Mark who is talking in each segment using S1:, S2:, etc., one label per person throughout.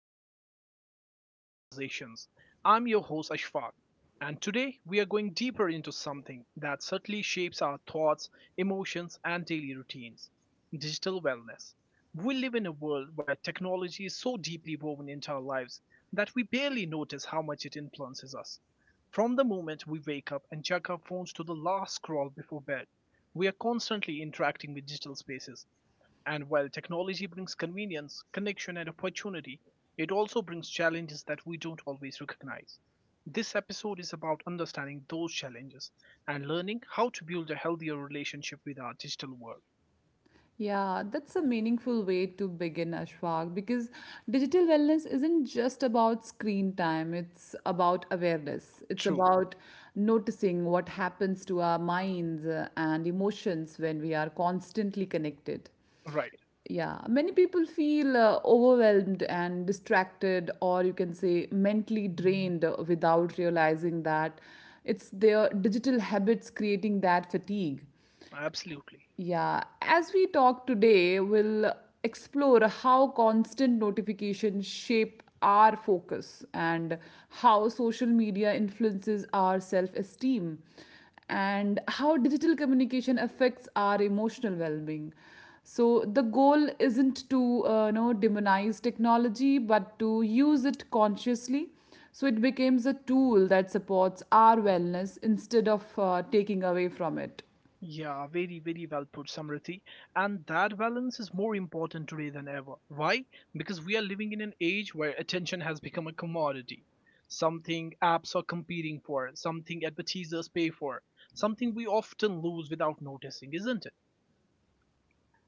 S1: episode of Mindful Living Conversations. I'm your host, Ashfaq, and today we are going deeper into something that certainly shapes our thoughts, emotions, and daily routines digital wellness. We live in a world where technology is so deeply woven into our lives that we barely notice how much it influences us. From the moment we wake up and check our phones to the last scroll before bed, we are constantly interacting with digital spaces, and while technology brings convenience, connection, and opportunity, it also brings challenges that we don't always recognize. This episode is about understanding those challenges and learning how to build a healthier relationship with our digital world.
S2: Yeah, that's a meaningful way to begin, Ashfaq, because digital wellness isn't just about screen time, it's about awareness. It's
S1: True.
S2: about noticing what happens to our minds and emotions when we are constantly connected.
S1: Right.
S2: Yeah, many people feel overwhelmed and distracted, or you can say mentally drained without realizing that it's their digital habits creating that fatigue.
S1: Absolutely.
S2: Yeah, as we talk today, we'll explore how constant notifications shape our focus and how social media influences our self esteem and how digital communication affects our emotional well being. So, the goal isn't to demonize technology but to use it consciously so it becomes a tool that supports our wellness instead of taking away from it.
S1: Yeah, very, very well put, Samriti. And that balance is more important today than ever. Why? Because we are living in an age where attention has become a commodity. Something apps are competing for, something advertisers pay for, something we often lose without noticing, isn't it?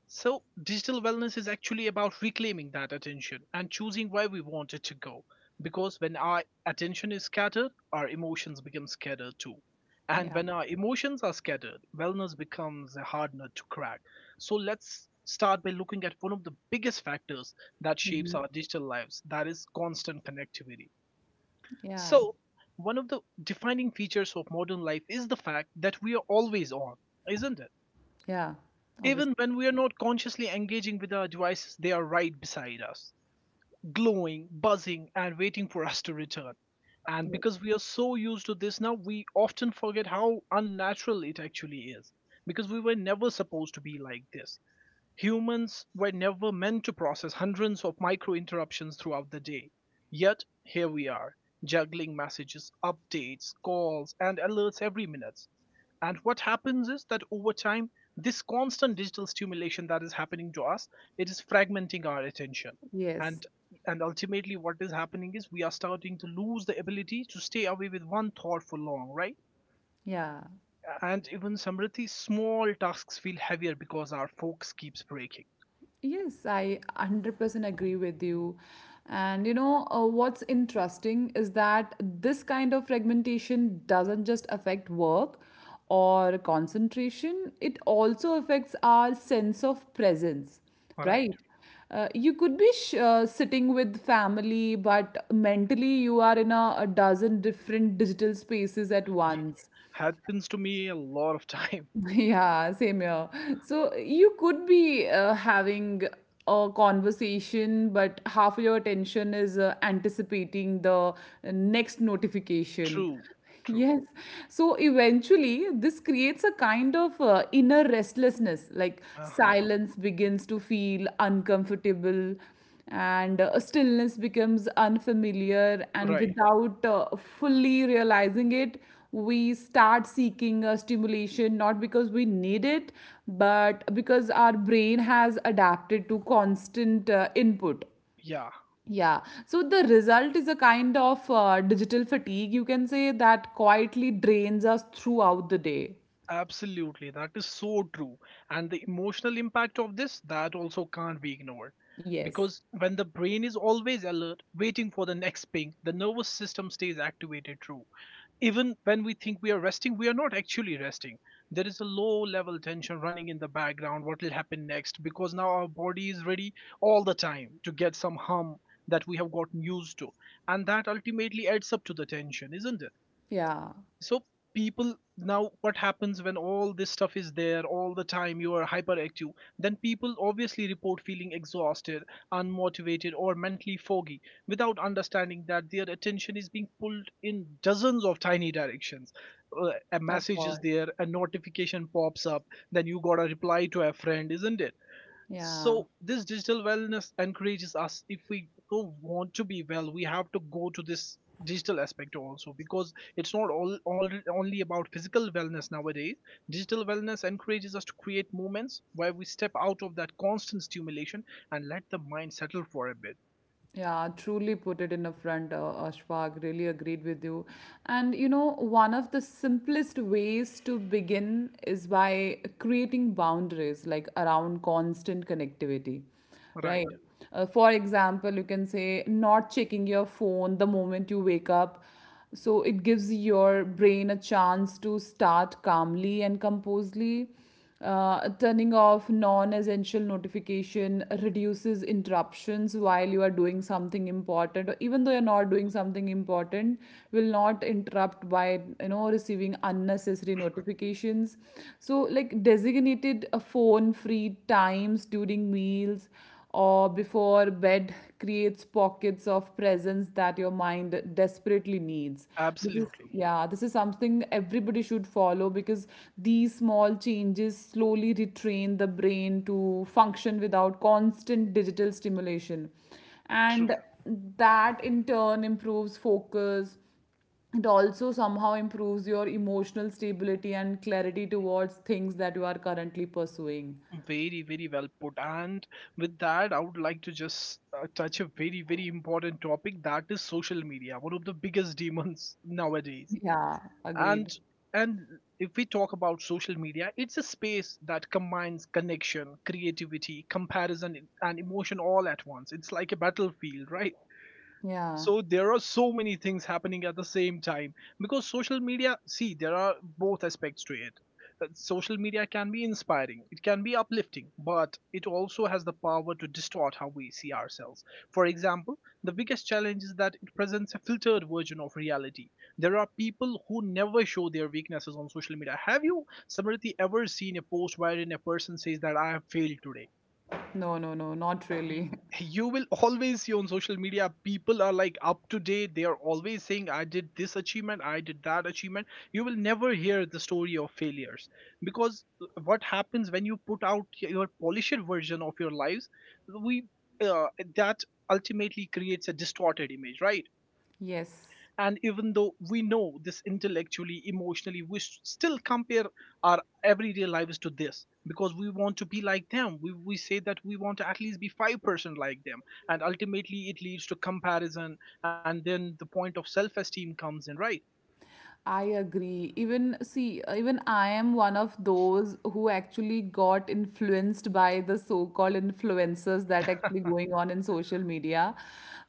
S1: So, digital wellness is actually about reclaiming that attention and choosing where we want it to go. Because when our attention is scattered, our emotions become scattered too.
S2: Yeah,
S1: And when our emotions are scattered, wellness becomes a hard nut to crack. So, let's start by looking at one of the biggest factors that shapes our digital lives, that is, constant connectivity.
S2: yeah.
S1: So, one of the defining features of modern life is the fact that we are always on, isn't it?
S2: Yeah,
S1: Even
S2: obviously.
S1: when we are not consciously engaging with our devices, they are right beside us, glowing, buzzing, and waiting for us to return. And
S2: Yes.
S1: because we are so used to this now, we often forget how unnatural it actually is. Because we were never supposed to be like this. Humans were never meant to process hundreds of micro interruptions throughout the day. Yet, here we are, juggling messages, updates, calls, and alerts every minute. And what happens is that over time, this constant digital stimulation that is happening to us, it is fragmenting our attention.
S2: Yes.
S1: And and ultimately what is happening is we are starting to lose the ability to stay away with one thought for long, right?
S2: Yeah.
S1: And even Samriddhi, small tasks feel heavier because our focus keeps breaking.
S2: Yes, I 100% agree with you. And you know, what's interesting is that this kind of fragmentation doesn't just affect work or concentration, it also affects our sense of presence,
S1: All
S2: right?
S1: right.
S2: You could be sitting with family, but mentally you are in a dozen different digital spaces at
S1: Ye-
S2: once.
S1: Happens to me a lot of time.
S2: Yeah, same here. So you could be having a conversation, but half of your attention is anticipating the next notification.
S1: True. True.
S2: Yes. So eventually, this creates a kind of inner restlessness, like
S1: Uh-huh.
S2: silence begins to feel uncomfortable and stillness becomes unfamiliar, and
S1: Right.
S2: without fully realizing it, we start seeking a stimulation not because we need it but because our brain has adapted to constant input.
S1: Yeah.
S2: Yeah, so the result is a kind of digital fatigue, you can say, that quietly drains us throughout the day.
S1: Absolutely, that is so true. And the emotional impact of this, that also can't be ignored.
S2: Yes.
S1: Because when the brain is always alert, waiting for the next ping, the nervous system stays activated through. Even when we think we are resting, we are not actually resting. There is a low level tension running in the background, what will happen next, because now our body is ready all the time to get some hum that we have gotten used to. And that ultimately adds up to the tension, isn't it?
S2: Yeah.
S1: So people, now what happens when all this stuff is there all the time, you are hyperactive. Then people obviously report feeling exhausted, unmotivated, or mentally foggy without understanding that their attention is being pulled in dozens of tiny directions. A
S2: Of
S1: message is
S2: course.
S1: there, a notification pops up, then you got to reply to a friend, isn't it? So
S2: Yeah.
S1: this digital wellness encourages us, if we do want to be well, we have to go to this digital aspect also because it's not all only about physical wellness nowadays. Digital wellness encourages us to create moments where we step out of that constant stimulation and let the mind settle for a bit.
S2: Yeah, truly put it in a front, Ashfaq. Really agreed with you. And you know, one of the simplest ways to begin is by creating boundaries, like around constant connectivity, right?
S1: Right.
S2: For example, you can say not checking your phone the moment you wake up. So it gives your brain a chance to start calmly and composedly. Turning off non essential notification reduces interruptions while you are doing something important, or even though you're not doing something important, will not interrupt by you know receiving unnecessary notifications. So like designated phone free times during meals or before bed creates pockets of presence that your mind desperately needs. This is,
S1: Absolutely.
S2: yeah, this is something everybody should follow because these small changes slowly retrain the brain to function without constant digital stimulation, and
S1: True.
S2: that in turn improves focus. It also somehow improves your emotional stability and clarity towards things that you are currently pursuing.
S1: Very, very well put. And with that, I would like to just touch a very, very important topic, that is social media, one of the biggest demons nowadays.
S2: Yeah, agreed.
S1: And and if we talk about social media, it's a space that combines connection, creativity, comparison, and emotion all at once. It's like a battlefield, right?
S2: Yeah.
S1: So there are so many things happening at the same time because social media, see, there are both aspects to it. Social media can be inspiring, it can be uplifting, but it also has the power to distort how we see ourselves. For example, the biggest challenge is that it presents a filtered version of reality. There are people who never show their weaknesses on social media. Have you, Samriti, ever seen a post wherein a person says that I have failed today?
S2: No, no, no, not
S1: y-
S2: really.
S1: you will always see on social media people are like up to date, they are always saying I did this achievement, I did that achievement. You will never hear the story of failures. Because what happens when you put out your polished version of your lives, we uh, that ultimately creates a distorted image, right?
S2: Yes,
S1: And even though we know this intellectually, emotionally we still compare our everyday lives to this because we want to be like them. We say that we want to at least be 5% like them, and ultimately it leads to comparison. And then the point of self-esteem comes in, right?
S2: I agree. Even, see, even I am one of those who actually got influenced by the so-called influencers that actually going on in social media.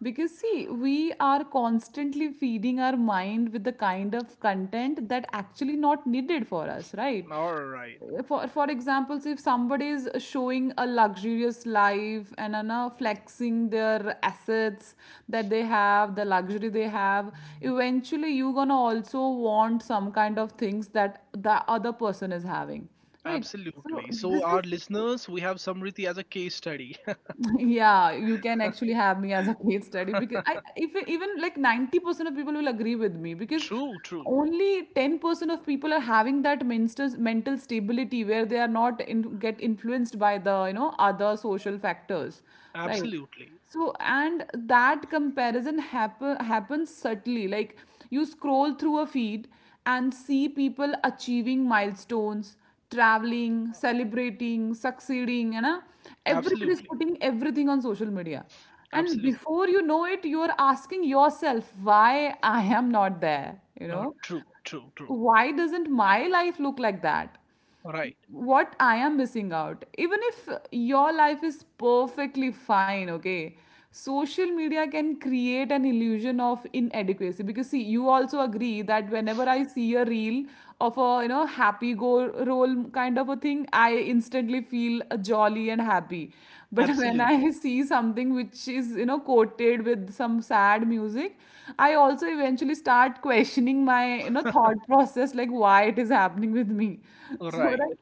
S2: Because, see, we are constantly feeding our mind with the kind of content that actually not needed for us, right?
S1: All right,
S2: For example, so if somebody is showing a luxurious life and are now flexing their assets that they have, the luxury they have, eventually you're gonna also want some kind of things that the other person is having, right? So
S1: absolutely.
S2: this
S1: So,
S2: is,
S1: our listeners, we have Samriti as a case study.
S2: yeah, you can actually have me as a case study because I if even like 90% of people will agree with me, because
S1: True, true.
S2: only 10% of people are having that mental stability where they are not in, get influenced by the you know other social factors, right?
S1: Absolutely,
S2: So, and that happens subtly. Like you scroll through a feed and see people achieving milestones, traveling, celebrating, succeeding, you know. Everybody is
S1: absolutely,
S2: putting everything on social media. And
S1: absolutely.
S2: before you know it, you're asking yourself why I am not there, you know.
S1: True, true, true.
S2: Why doesn't my life look like that?
S1: Right,
S2: What I am missing out. Even if your life is perfectly fine, okay, social media can create an illusion of inadequacy, because see, you also agree that whenever I see a reel of a you know happy go roll kind of a thing, I instantly feel jolly and happy. But when
S1: absolutely.
S2: I see something which is you know coated with some sad music, I also eventually start questioning my you know thought process like why it is happening with me. So
S1: Right.
S2: right,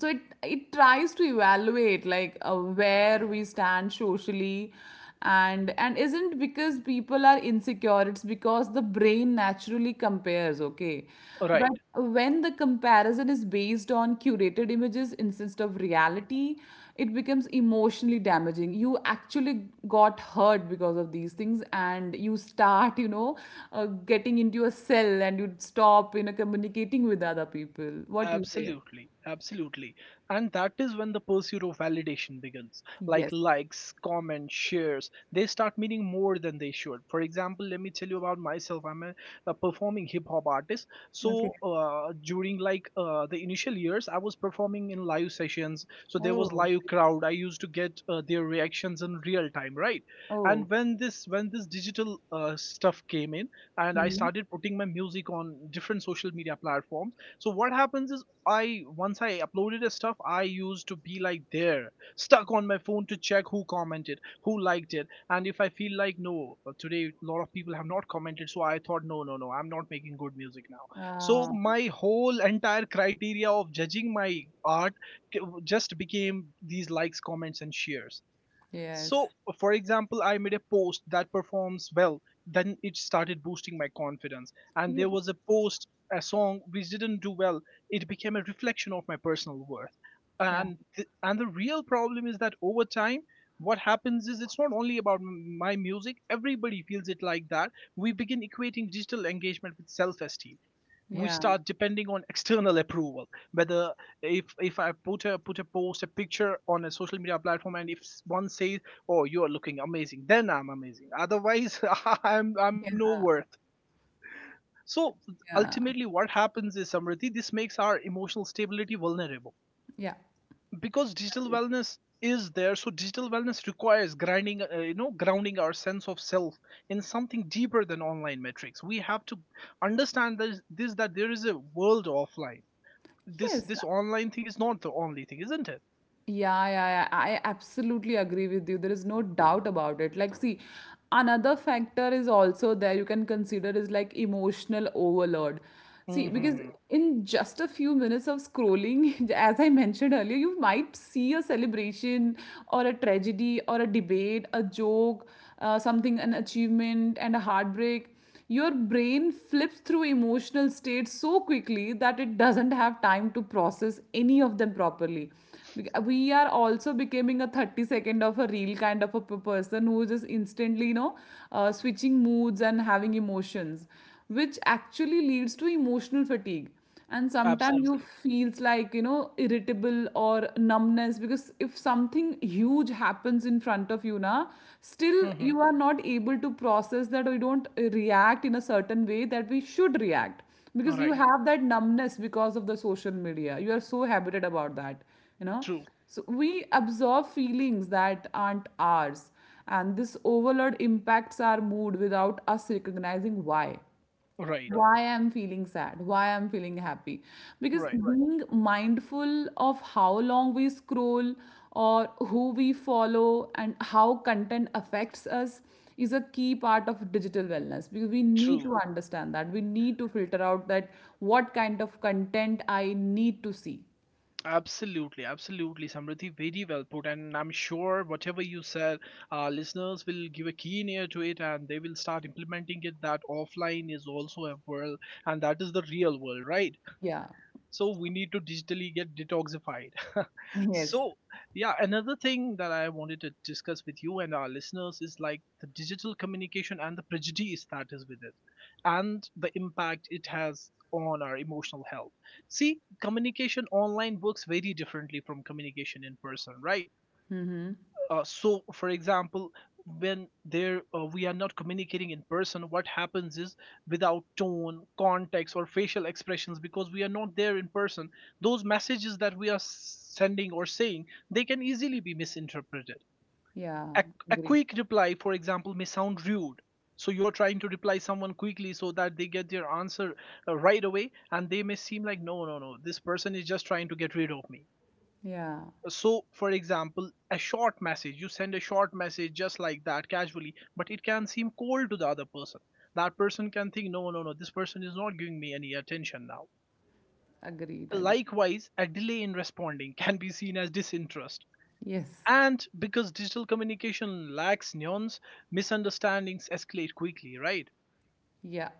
S2: so it tries to evaluate like where we stand socially, and isn't because people are insecure, it's because the brain naturally compares, okay. But
S1: Right.
S2: when the comparison is based on curated images instead of reality, it becomes emotionally damaging. You actually got hurt because of these things, and you start you know uh, getting into a cell and you stop you know communicating with other people, what do you say.
S1: Absolutely, absolutely. And that is when the pursuit of validation begins. Like
S2: Yes.
S1: likes, comments, shares, they start meaning more than they should. For example, let me tell you about myself. I'm a performing hip hop artist.
S2: Okay.
S1: So during like the initial years, I was performing in live sessions. So there was
S2: Oh,
S1: live crowd. I used to get their reactions in real time, right?
S2: oh.
S1: And when this digital stuff came in, and I
S2: Mhm.
S1: started putting my music on different social media platforms. So what happens is, I once I uploaded a stuff, I used to be like there stuck on my phone to check who commented, who liked it. And if I feel like no, today a lot of people have not commented, so I thought, no, no, no, I'm not making good music now. So
S2: Ah.
S1: my whole entire criteria of judging my art just became these likes, comments, and shares.
S2: Yes.
S1: So, for example, I made a post that performs well, then it started boosting my confidence. And there
S2: Yes.
S1: was a post, a song which didn't do well, it became a reflection of my personal worth.
S2: Yeah.
S1: And the real problem is that over time, what happens is it's not only about my music, everybody feels it like that. We begin equating digital engagement with self esteem. We
S2: Yeah.
S1: start depending on external approval. Whether if I put a post a picture on a social media platform, and if one says, oh, you are looking amazing, then I'm amazing, otherwise I'm
S2: Yeah.
S1: no worth. So
S2: Yeah.
S1: ultimately what happens is, Samriddhi, this makes our emotional stability vulnerable.
S2: Yeah.
S1: Because digital wellness is there, so digital wellness requires grinding you know grounding our sense of self in something deeper than online metrics. We have to understand this that there is a world offline. this
S2: Yes.
S1: this online thing is not the only thing, isn't it?
S2: Yeah, yeah, yeah, I absolutely agree with you. There is no doubt about it. Like, see, another factor is also there you can consider is like emotional overload. See, because
S1: Mm-hmm.
S2: in just a few minutes of scrolling, as I mentioned earlier, you might see a celebration or a tragedy or a debate, a joke, something, an achievement, and a heartbreak. Your brain flips through emotional states so quickly that it doesn't have time to process any of them properly. We are also becoming a 30 second of a real kind of a person who is just instantly you know switching moods and having emotions, which actually leads to emotional fatigue. And sometimes you
S1: Absolutely.
S2: feels like you know irritable or numbness, because if something huge happens in front of you now, still
S1: Mm-hmm.
S2: you are not able to process that, or you don't react in a certain way that we should react,
S1: All
S2: because you
S1: right.
S2: have that numbness because of the social media, you are so habited about that, you know.
S1: True.
S2: So we absorb feelings that aren't ours, and this overload impacts our mood without us recognizing why
S1: Right.
S2: why I'm feeling sad, why I'm feeling happy. Because
S1: Right.
S2: being mindful of how long we scroll or who we follow and how content affects us is a key part of digital wellness, because we need to
S1: True.
S2: understand that we need to filter out that what kind of content I need to see.
S1: Absolutely. Absolutely, Samriddhi. Very well put. And I'm sure whatever you said, our listeners will give a keen ear to it and they will start implementing it, that offline is also a world, and that is the real world, right?
S2: Yeah.
S1: So we need to digitally get detoxified.
S2: Yes.
S1: So yeah, another thing that I wanted to discuss with you and our listeners is like the digital communication and the prejudice that is with it, and the impact it has on our emotional health. See, communication online works very differently from communication in person, right? So for example, when there we are not communicating in person, what happens is, without tone, context, or facial expressions, because we are not there in person, those messages that we are sending or saying, they can easily be misinterpreted.
S2: Yeah,
S1: A, a
S2: agreed.
S1: quick reply for example may sound rude. So you're trying to reply someone quickly so that they get their answer right away, and they may seem like, no, no, no, this person is just trying to get rid of me.
S2: Yeah,
S1: So for example, a short message, you send a short message just like that casually, but it can seem cold to the other person. That person can think, no, no, no, this person is not giving me any attention now.
S2: agreed, agreed.
S1: Likewise, a delay in responding can be seen as disinterest.
S2: Yes.
S1: And because digital communication lacks nuance, misunderstandings escalate quickly, right?
S2: Yeah,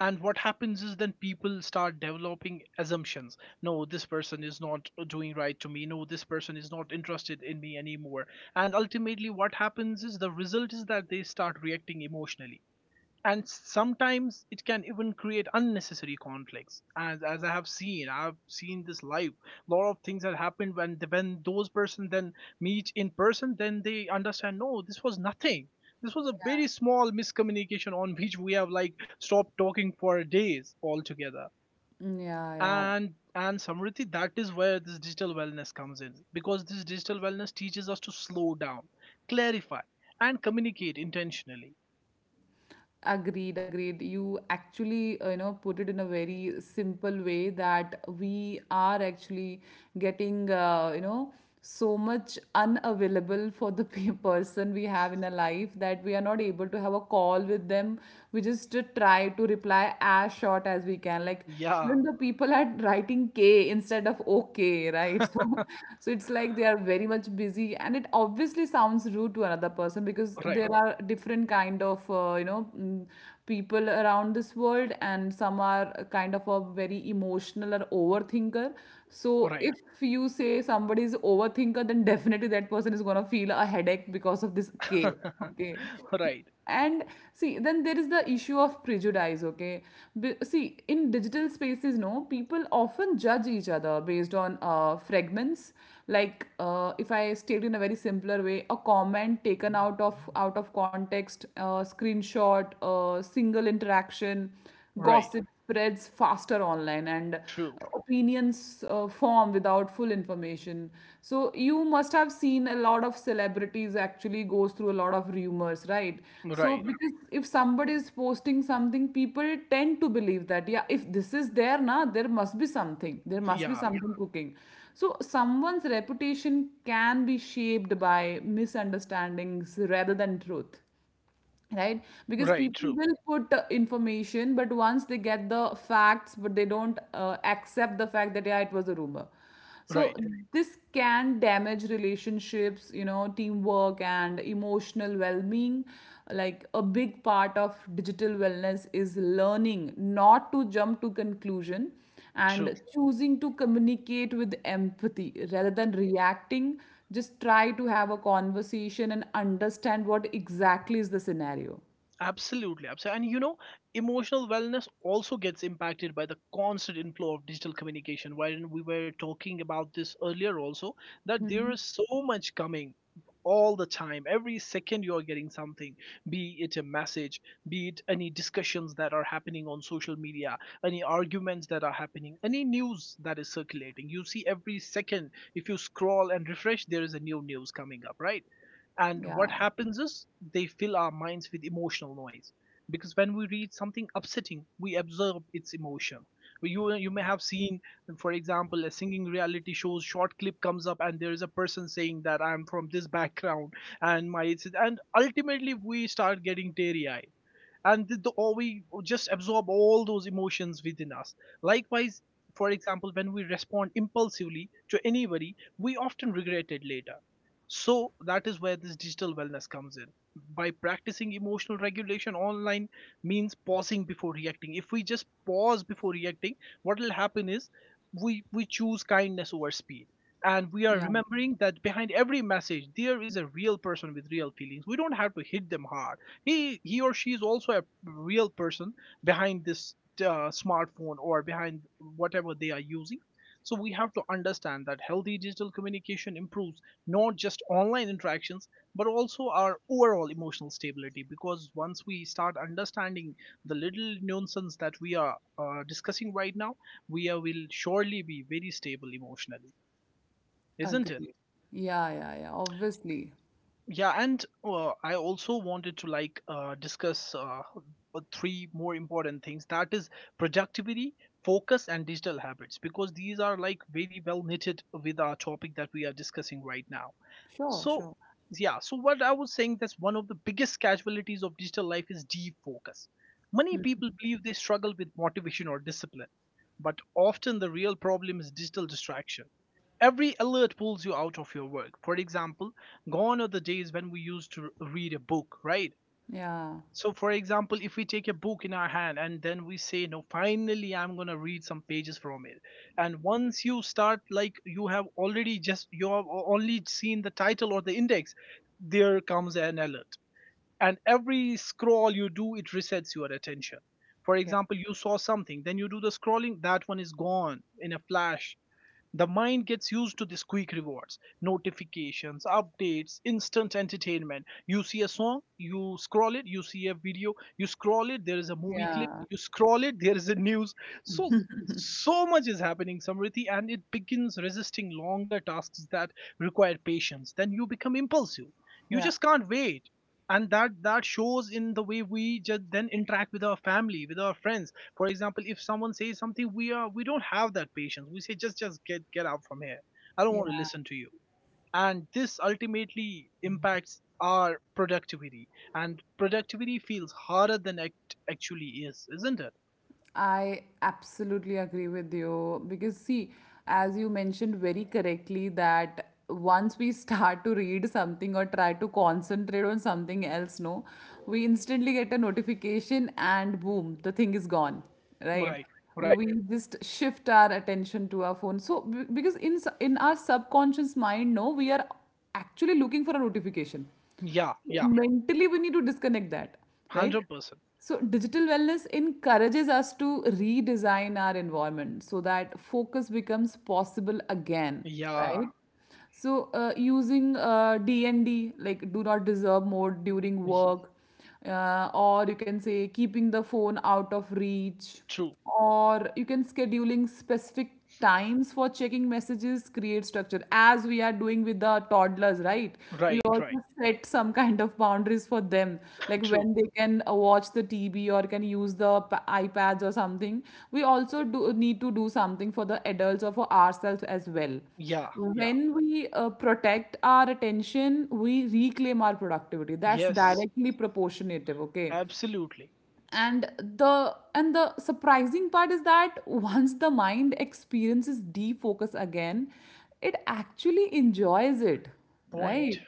S1: And what happens is then people start developing assumptions. No, this person is not doing right to me. No, this person is not interested in me anymore. And ultimately what happens is the result is that they start reacting emotionally. And sometimes it can even create unnecessary conflicts, as I have seen I've seen this live. A lot of things that happened when those person then meet in person, then they understand, no, this was nothing. This was a
S2: yeah,
S1: very small miscommunication on which we have, like, stopped talking for days altogether.
S2: yeah, yeah.
S1: And Samriti, that is where this digital wellness comes in, because this digital wellness teaches us to slow down, clarify, and communicate intentionally.
S2: Agreed, agreed. You actually, you know, put it in a very simple way that we are actually getting, you know, so much unavailable for the person we have in our life that we are not able to have a call with them. We just try to reply as short as we can. Like,
S1: Yeah.
S2: even the people are writing K instead of OK, right? So, so it's like they are very much busy, and it obviously sounds rude to another person because
S1: Right.
S2: there are different kind of people around this world, and some are a kind of a very emotional or overthinker. So
S1: Right.
S2: if you say somebody is overthinker, then definitely that person is gonna feel a headache because of this K. Okay.
S1: Right.
S2: And see then there is the issue of prejudice, okay. See, in digital spaces no people often judge each other based on fragments, like if I state in a very simpler way, a comment taken out of context, screenshot, single interaction,
S1: Right.
S2: gossip spreads faster online, and
S1: True.
S2: opinions form without full information. So you must have seen a lot of celebrities actually goes through a lot of rumors, right? So
S1: Right.
S2: because if somebody is posting something, people tend to believe that yeah if this is there na there must be something, there must be
S1: Yeah.
S2: something cooking. So someone's reputation can be shaped by misunderstandings rather than truth, right?
S1: Right. True.
S2: Because people will put information, but once they get the facts but they don't accept the fact that yeah it was a rumor. So
S1: Right.
S2: Correct. This can damage relationships, you know, teamwork and emotional well-being. Like a big part of digital wellness is learning not to jump to conclusion,
S1: True.
S2: and choosing to communicate with empathy rather than reacting. Just try to have a conversation and understand what exactly is the scenario.
S1: Absolutely, absolutely. And emotional wellness also gets impacted by the constant inflow of digital communication. Wherein we were talking about this earlier also, that there is so much coming all the time. Every second you are getting something, be it a message, be it any discussions that are happening on social media, any arguments that are happening, any news that is circulating. You see, every second, if you scroll and refresh, there is a new news coming up, right?
S2: Yeah.
S1: And what happens is, they fill our minds with emotional noise. Because when we read something upsetting, we absorb its emotion. You may have seen, for example, a singing reality show's short clip comes up and there is a person saying that I'm from this background and ultimately we start getting teary eyed, or we just absorb all those emotions within us. Likewise, for example, when we respond impulsively to anybody, we often regret it later. So that is where this digital wellness comes in, by practicing emotional regulation online, means pausing before reacting. If we just pause before reacting, what will happen is, we choose kindness over speed,
S2: Yeah,
S1: and we are remembering that behind every message there is a real person with real feelings. We don't have to hit them hard. He or she is also a real person behind this smartphone, or behind whatever they are using. So we have to understand that healthy digital communication improves not just online interactions but also our overall emotional stability, because once we start understanding the little nuances that we are discussing right now, will surely be very stable emotionally, isn't it?
S2: agree. Yeah, yeah, yeah, obviously.
S1: Yeah, and I also wanted to, like, discuss three more important things, that is productivity, focus, and digital habits, because these are, like, very well knitted with our topic that we are discussing right now.
S2: Sure,
S1: So,
S2: sure.
S1: yeah, so what I was saying, that's one of the biggest casualties of digital life is defocus. Many people believe they struggle with motivation or discipline, but often the real problem is digital distraction. Every alert pulls you out of your work. For example, gone are the days when we used to read a book, right?
S2: Yeah,
S1: So, for example, if we take a book in our hand and then we say, no, finally, I'm going to read some pages from it. And once you start, like, you have already just, you have only seen the title or the index, there comes an alert. And every scroll you do, it resets your attention. For
S2: yeah,
S1: example, you saw something, then you do the scrolling, that one is gone in a flash. The mind gets used to these quick rewards, notifications, updates, instant entertainment. You see a song, you scroll it, you see a video, you scroll it, there is a movie clip,
S2: yeah,
S1: you scroll it, there is a news. So so much is happening, Samriti, and it begins resisting longer tasks that require patience. Then you become impulsive. You
S2: yeah,
S1: just can't wait. And that shows in the way we just then interact with our family, with our friends. For example, if someone says something, we don't have that patience. We say, just get out from here, I don't want to
S2: yeah.
S1: listen to you. And this ultimately impacts our productivity, and productivity feels harder than it actually is, isn't it?
S2: I absolutely agree with you, because, see, as you mentioned very correctly, that once we start to read something or try to concentrate on something else, no, we instantly get a notification and boom, the thing is gone, right?
S1: Right. Right.
S2: We just shift our attention to our phone. So, because in our subconscious mind, no, we are actually looking for a notification.
S1: Yeah. Yeah.
S2: Mentally we need to disconnect that, right?
S1: 100%.
S2: So digital wellness encourages us to redesign our environment so that focus becomes possible again,
S1: Yeah.
S2: right? So using D&D, like do not disturb mode during
S1: y-
S2: work, or you can say keeping the phone out of reach,
S1: True.
S2: or you can scheduling specific times for checking messages create structure as we are doing with the toddlers, right? We
S1: Right. Right.
S2: also set some kind of boundaries for them, like
S1: True.
S2: when they can watch the TV or can use the iPads or something. We also do need to do something for the adults or for ourselves as well.
S1: Yeah. Yeah.
S2: When we protect our attention, we reclaim our productivity. That's
S1: Yes.
S2: directly proportionative, okay?
S1: Absolutely.
S2: And the surprising part is that once the mind experiences defocus again, it actually enjoys it,
S1: Point.
S2: right?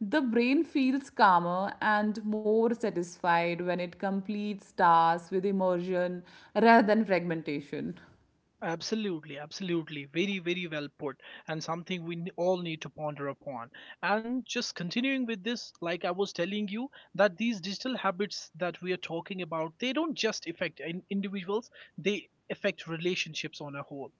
S2: The brain feels calmer and more satisfied when it completes tasks with immersion rather than fragmentation.
S1: Absolutely, absolutely. Very, very well put, and something we all need to ponder upon. And just continuing with this, like I was telling you, that these digital habits that we are talking about, they don't just affect individuals, they affect relationships on a whole.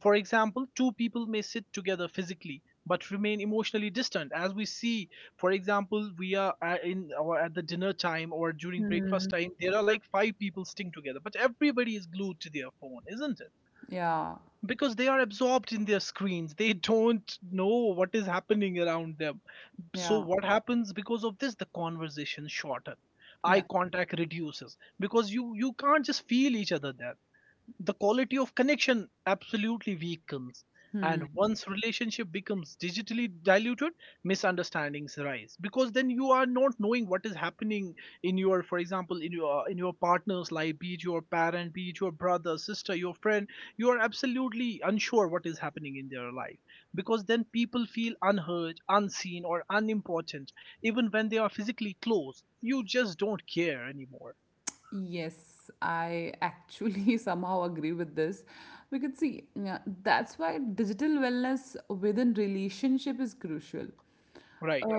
S1: For example, two people may sit together physically but remain emotionally distant. As we see, for example, we are in or at the dinner time, or during breakfast time, there are, like, five people sitting together, but everybody is glued to their phone, isn't it?
S2: Yeah,
S1: Because they are absorbed in their screens, they don't know what is happening around them. So
S2: yeah,
S1: what happens because of this, the conversation shorten, eye
S2: yeah.
S1: contact reduces, because you can't just feel each other there. The quality of connection absolutely weakens, and once relationship becomes digitally diluted, misunderstandings rise, because then you are not knowing what is happening in your, for example, in your partner's life, be it your parent, be it your brother, sister, your friend. You are absolutely unsure what is happening in their life, because then people feel unheard, unseen, or unimportant, even when they are physically close. You just don't care anymore.
S2: Yes, I actually somehow agree with this. We could see, yeah, that's why digital wellness within relationship is crucial.
S1: Right.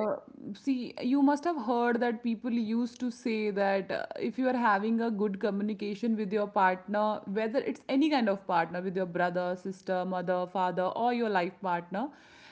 S2: See, you must have heard that people used to say that if you are having a good communication with your partner, whether it's any kind of partner, with your brother, sister, mother, father, or your life partner,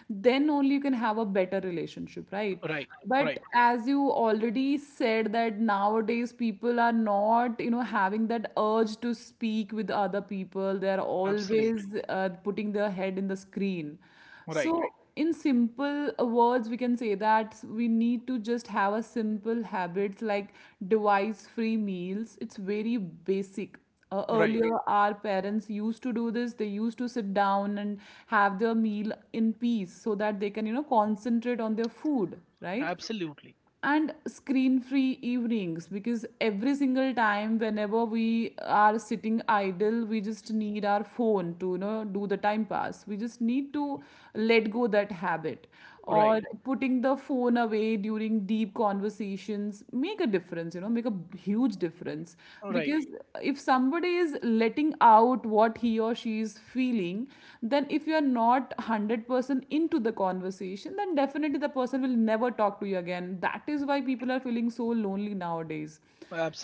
S2: then only you can have a better relationship, right?
S1: Right.
S2: But
S1: Right.
S2: as you already said, that nowadays people are not, you know, having that urge to speak with other people. They are
S1: Absolutely.
S2: always putting their head in the screen.
S1: Right.
S2: So, in simple words, we can say that we need to just have a simple habits like device-free meals. It's very basic.
S1: Right.
S2: Earlier, our parents used to do this. They used to sit down and have their meal in peace so that they can, you know, concentrate on their food, right?
S1: Absolutely.
S2: And screen free evenings, because every single time whenever we are sitting idle, we just need our phone to, you know, do the time pass. We just need to let go that habit, or
S1: Right.
S2: putting the phone away during deep conversations make a difference, you know, make a huge difference.
S1: Right.
S2: Because if somebody is letting out what he or she is feeling, then if you are not 100% into the conversation, then definitely the person will never talk to you again. That is why people are feeling so lonely nowadays.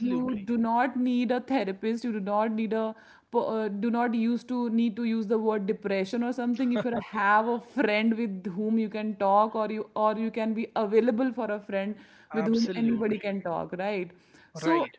S2: You do not need a therapist, you do not need a do not use to need to use the word depression or something. If you have a friend with whom you can talk, or you can be available for a friend with whom anybody
S1: Absolutely.
S2: can talk, right? So
S1: Right.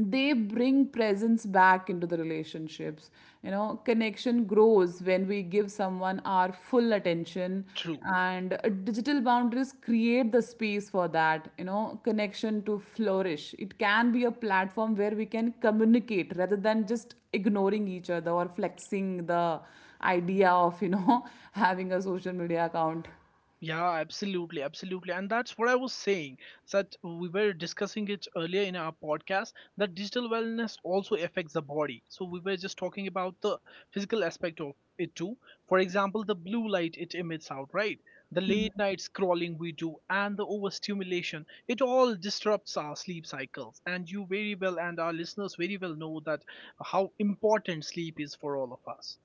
S2: they bring presence back into the relationships. You know, connection grows when we give someone our full attention.
S1: True.
S2: And digital boundaries create the space for that, you know, connection to flourish. It can be a platform where we can communicate rather than just ignoring each other or flexing the idea of, you know, having a social media account.
S1: Yeah, absolutely, absolutely. And that's what I was saying, that we were discussing it earlier in our podcast, that digital wellness also affects the body. So we were just talking about the physical aspect of it too. For example, the blue light it emits out, right? The late night scrolling we do and the overstimulation, it all disrupts our sleep cycles. And you very well, and our listeners very well know that how important sleep is for all of us.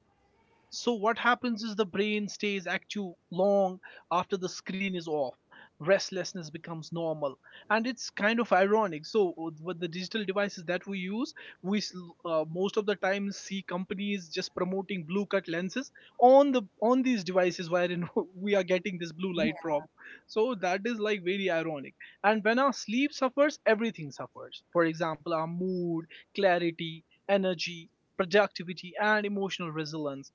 S1: So what happens is, the brain stays active long after the screen is off. Restlessness becomes normal, and it's kind of ironic. So, with the digital devices that we use, we most of the time see companies just promoting blue cut lenses on the on these devices, wherein we are getting this blue light from. So that is, like, very ironic. And when our sleep suffers, everything suffers. For example, our mood, clarity, energy, productivity, and emotional resilience.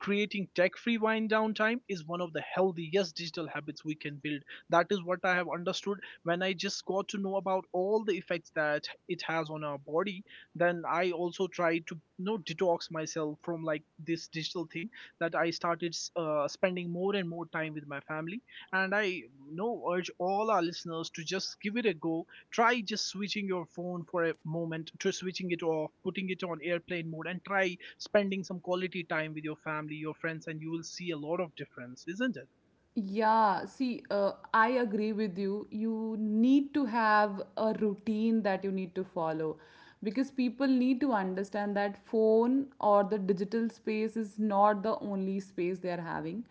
S1: Creating tech-free wind down time is one of the healthiest digital habits we can build. That is what I have understood when I just got to know about all the effects that it has on our body. Then I also tried to detox myself from, like, this digital thing, that I started spending more and more time with my family. And I urge all our listeners to just give it a go. Try just switching your phone for a moment, to switching it off, putting it on airplane mode, and try spending some quality time with your family, your friends, and you will see a lot of difference, isn't it?
S2: Yeah, see, I agree with you. You need to have a routine that you need to follow, because people need to understand that phone or the digital space is not the only space they are having.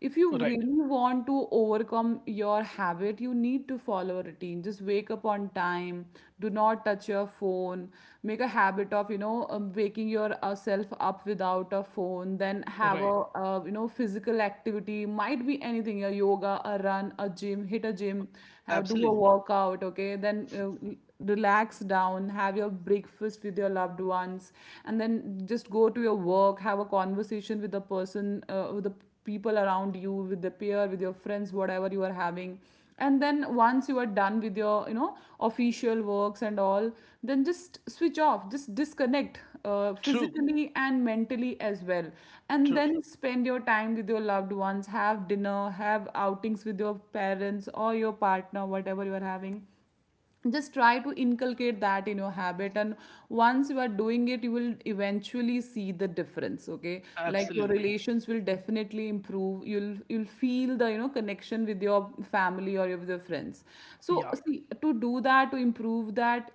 S2: If you
S1: Right.
S2: really want to overcome your habit, you need to follow a routine. Just wake up on time, do not touch your phone. Make a habit of, you know, waking yourself up without a phone. Then have a
S1: Right.
S2: you know, physical activity, might be anything, a yoga, a run, a gym, hit a gym, have do a
S1: Absolutely.
S2: workout, okay? Then relax down, have your breakfast with your loved ones, and then just go to your work. Have a conversation with the person, with the people around you, with the peer, with your friends, whatever you are having. And then once you are done with your, you know, official works and all, then just switch off, just disconnect,
S1: True.
S2: physically and mentally as well. And
S1: True.
S2: then spend your time with your loved ones, have dinner, have outings with your parents or your partner, whatever you are having. Just try to inculcate that in your habit, and once you are doing it, you will eventually see the difference, okay? Like your
S1: Absolutely.
S2: relations will definitely improve, you'll feel the, you know, connection with your family or with your friends. So
S1: Yeah.
S2: see, to do that, to improve that,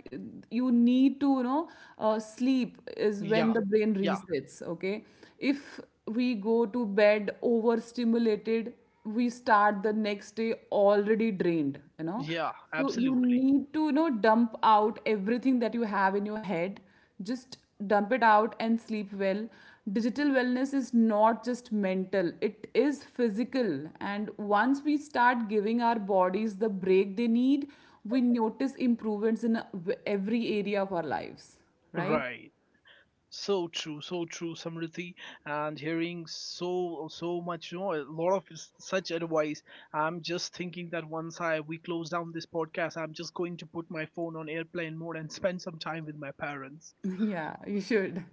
S2: you need to, you know, sleep is when
S1: Yeah.
S2: the brain
S1: Yeah.
S2: resets, okay? If we go to bed overstimulated, we start the next day already drained, you know?
S1: Yeah.
S2: So you
S1: Absolutely.
S2: need to, you know, dump out everything that you have in your head. Just dump it out and sleep well. Digital wellness is not just mental, it is physical. And once we start giving our bodies the break they need, we notice improvements in every area of our lives, right?
S1: Right. So true, Samriddhi, and hearing so so much, a lot of such advice. I'm just thinking that once I we close down this podcast, I'm just going to put my phone on airplane mode and spend some time with my parents.
S2: Yeah, you should.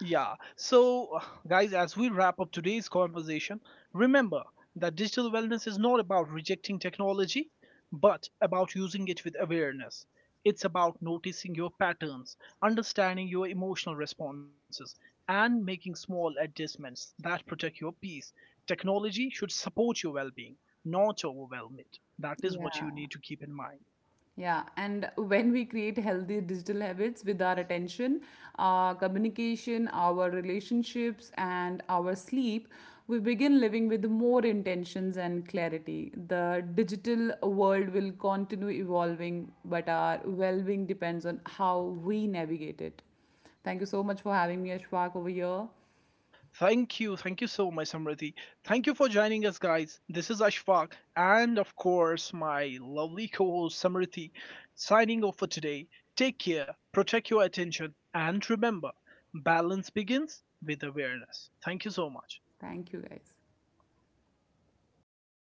S1: Yeah. So, guys, as we wrap up today's conversation, remember that digital wellness is not about rejecting technology, but about using it with awareness. It's about noticing your patterns, understanding your emotional responses, and making small adjustments that protect your peace. Technology should support your well being, not overwhelm it. That is what
S2: Yeah.
S1: you need to keep in mind.
S2: Yeah, and when we create healthy digital habits with our attention, our communication, our relationships, and our sleep, we begin living with more intentions and clarity. The digital world will continue evolving, but our well being depends on how we navigate it. Thank you so much for having me, Ashfaq, over here.
S1: Thank you. Thank you so much, Samriti. Thank you for joining us, guys. This is Ashfaq and, of course, my lovely co host, Samriti, signing off for today. Take care, protect your attention, and remember, balance begins with awareness. Thank you so much.
S2: Thank you, guys.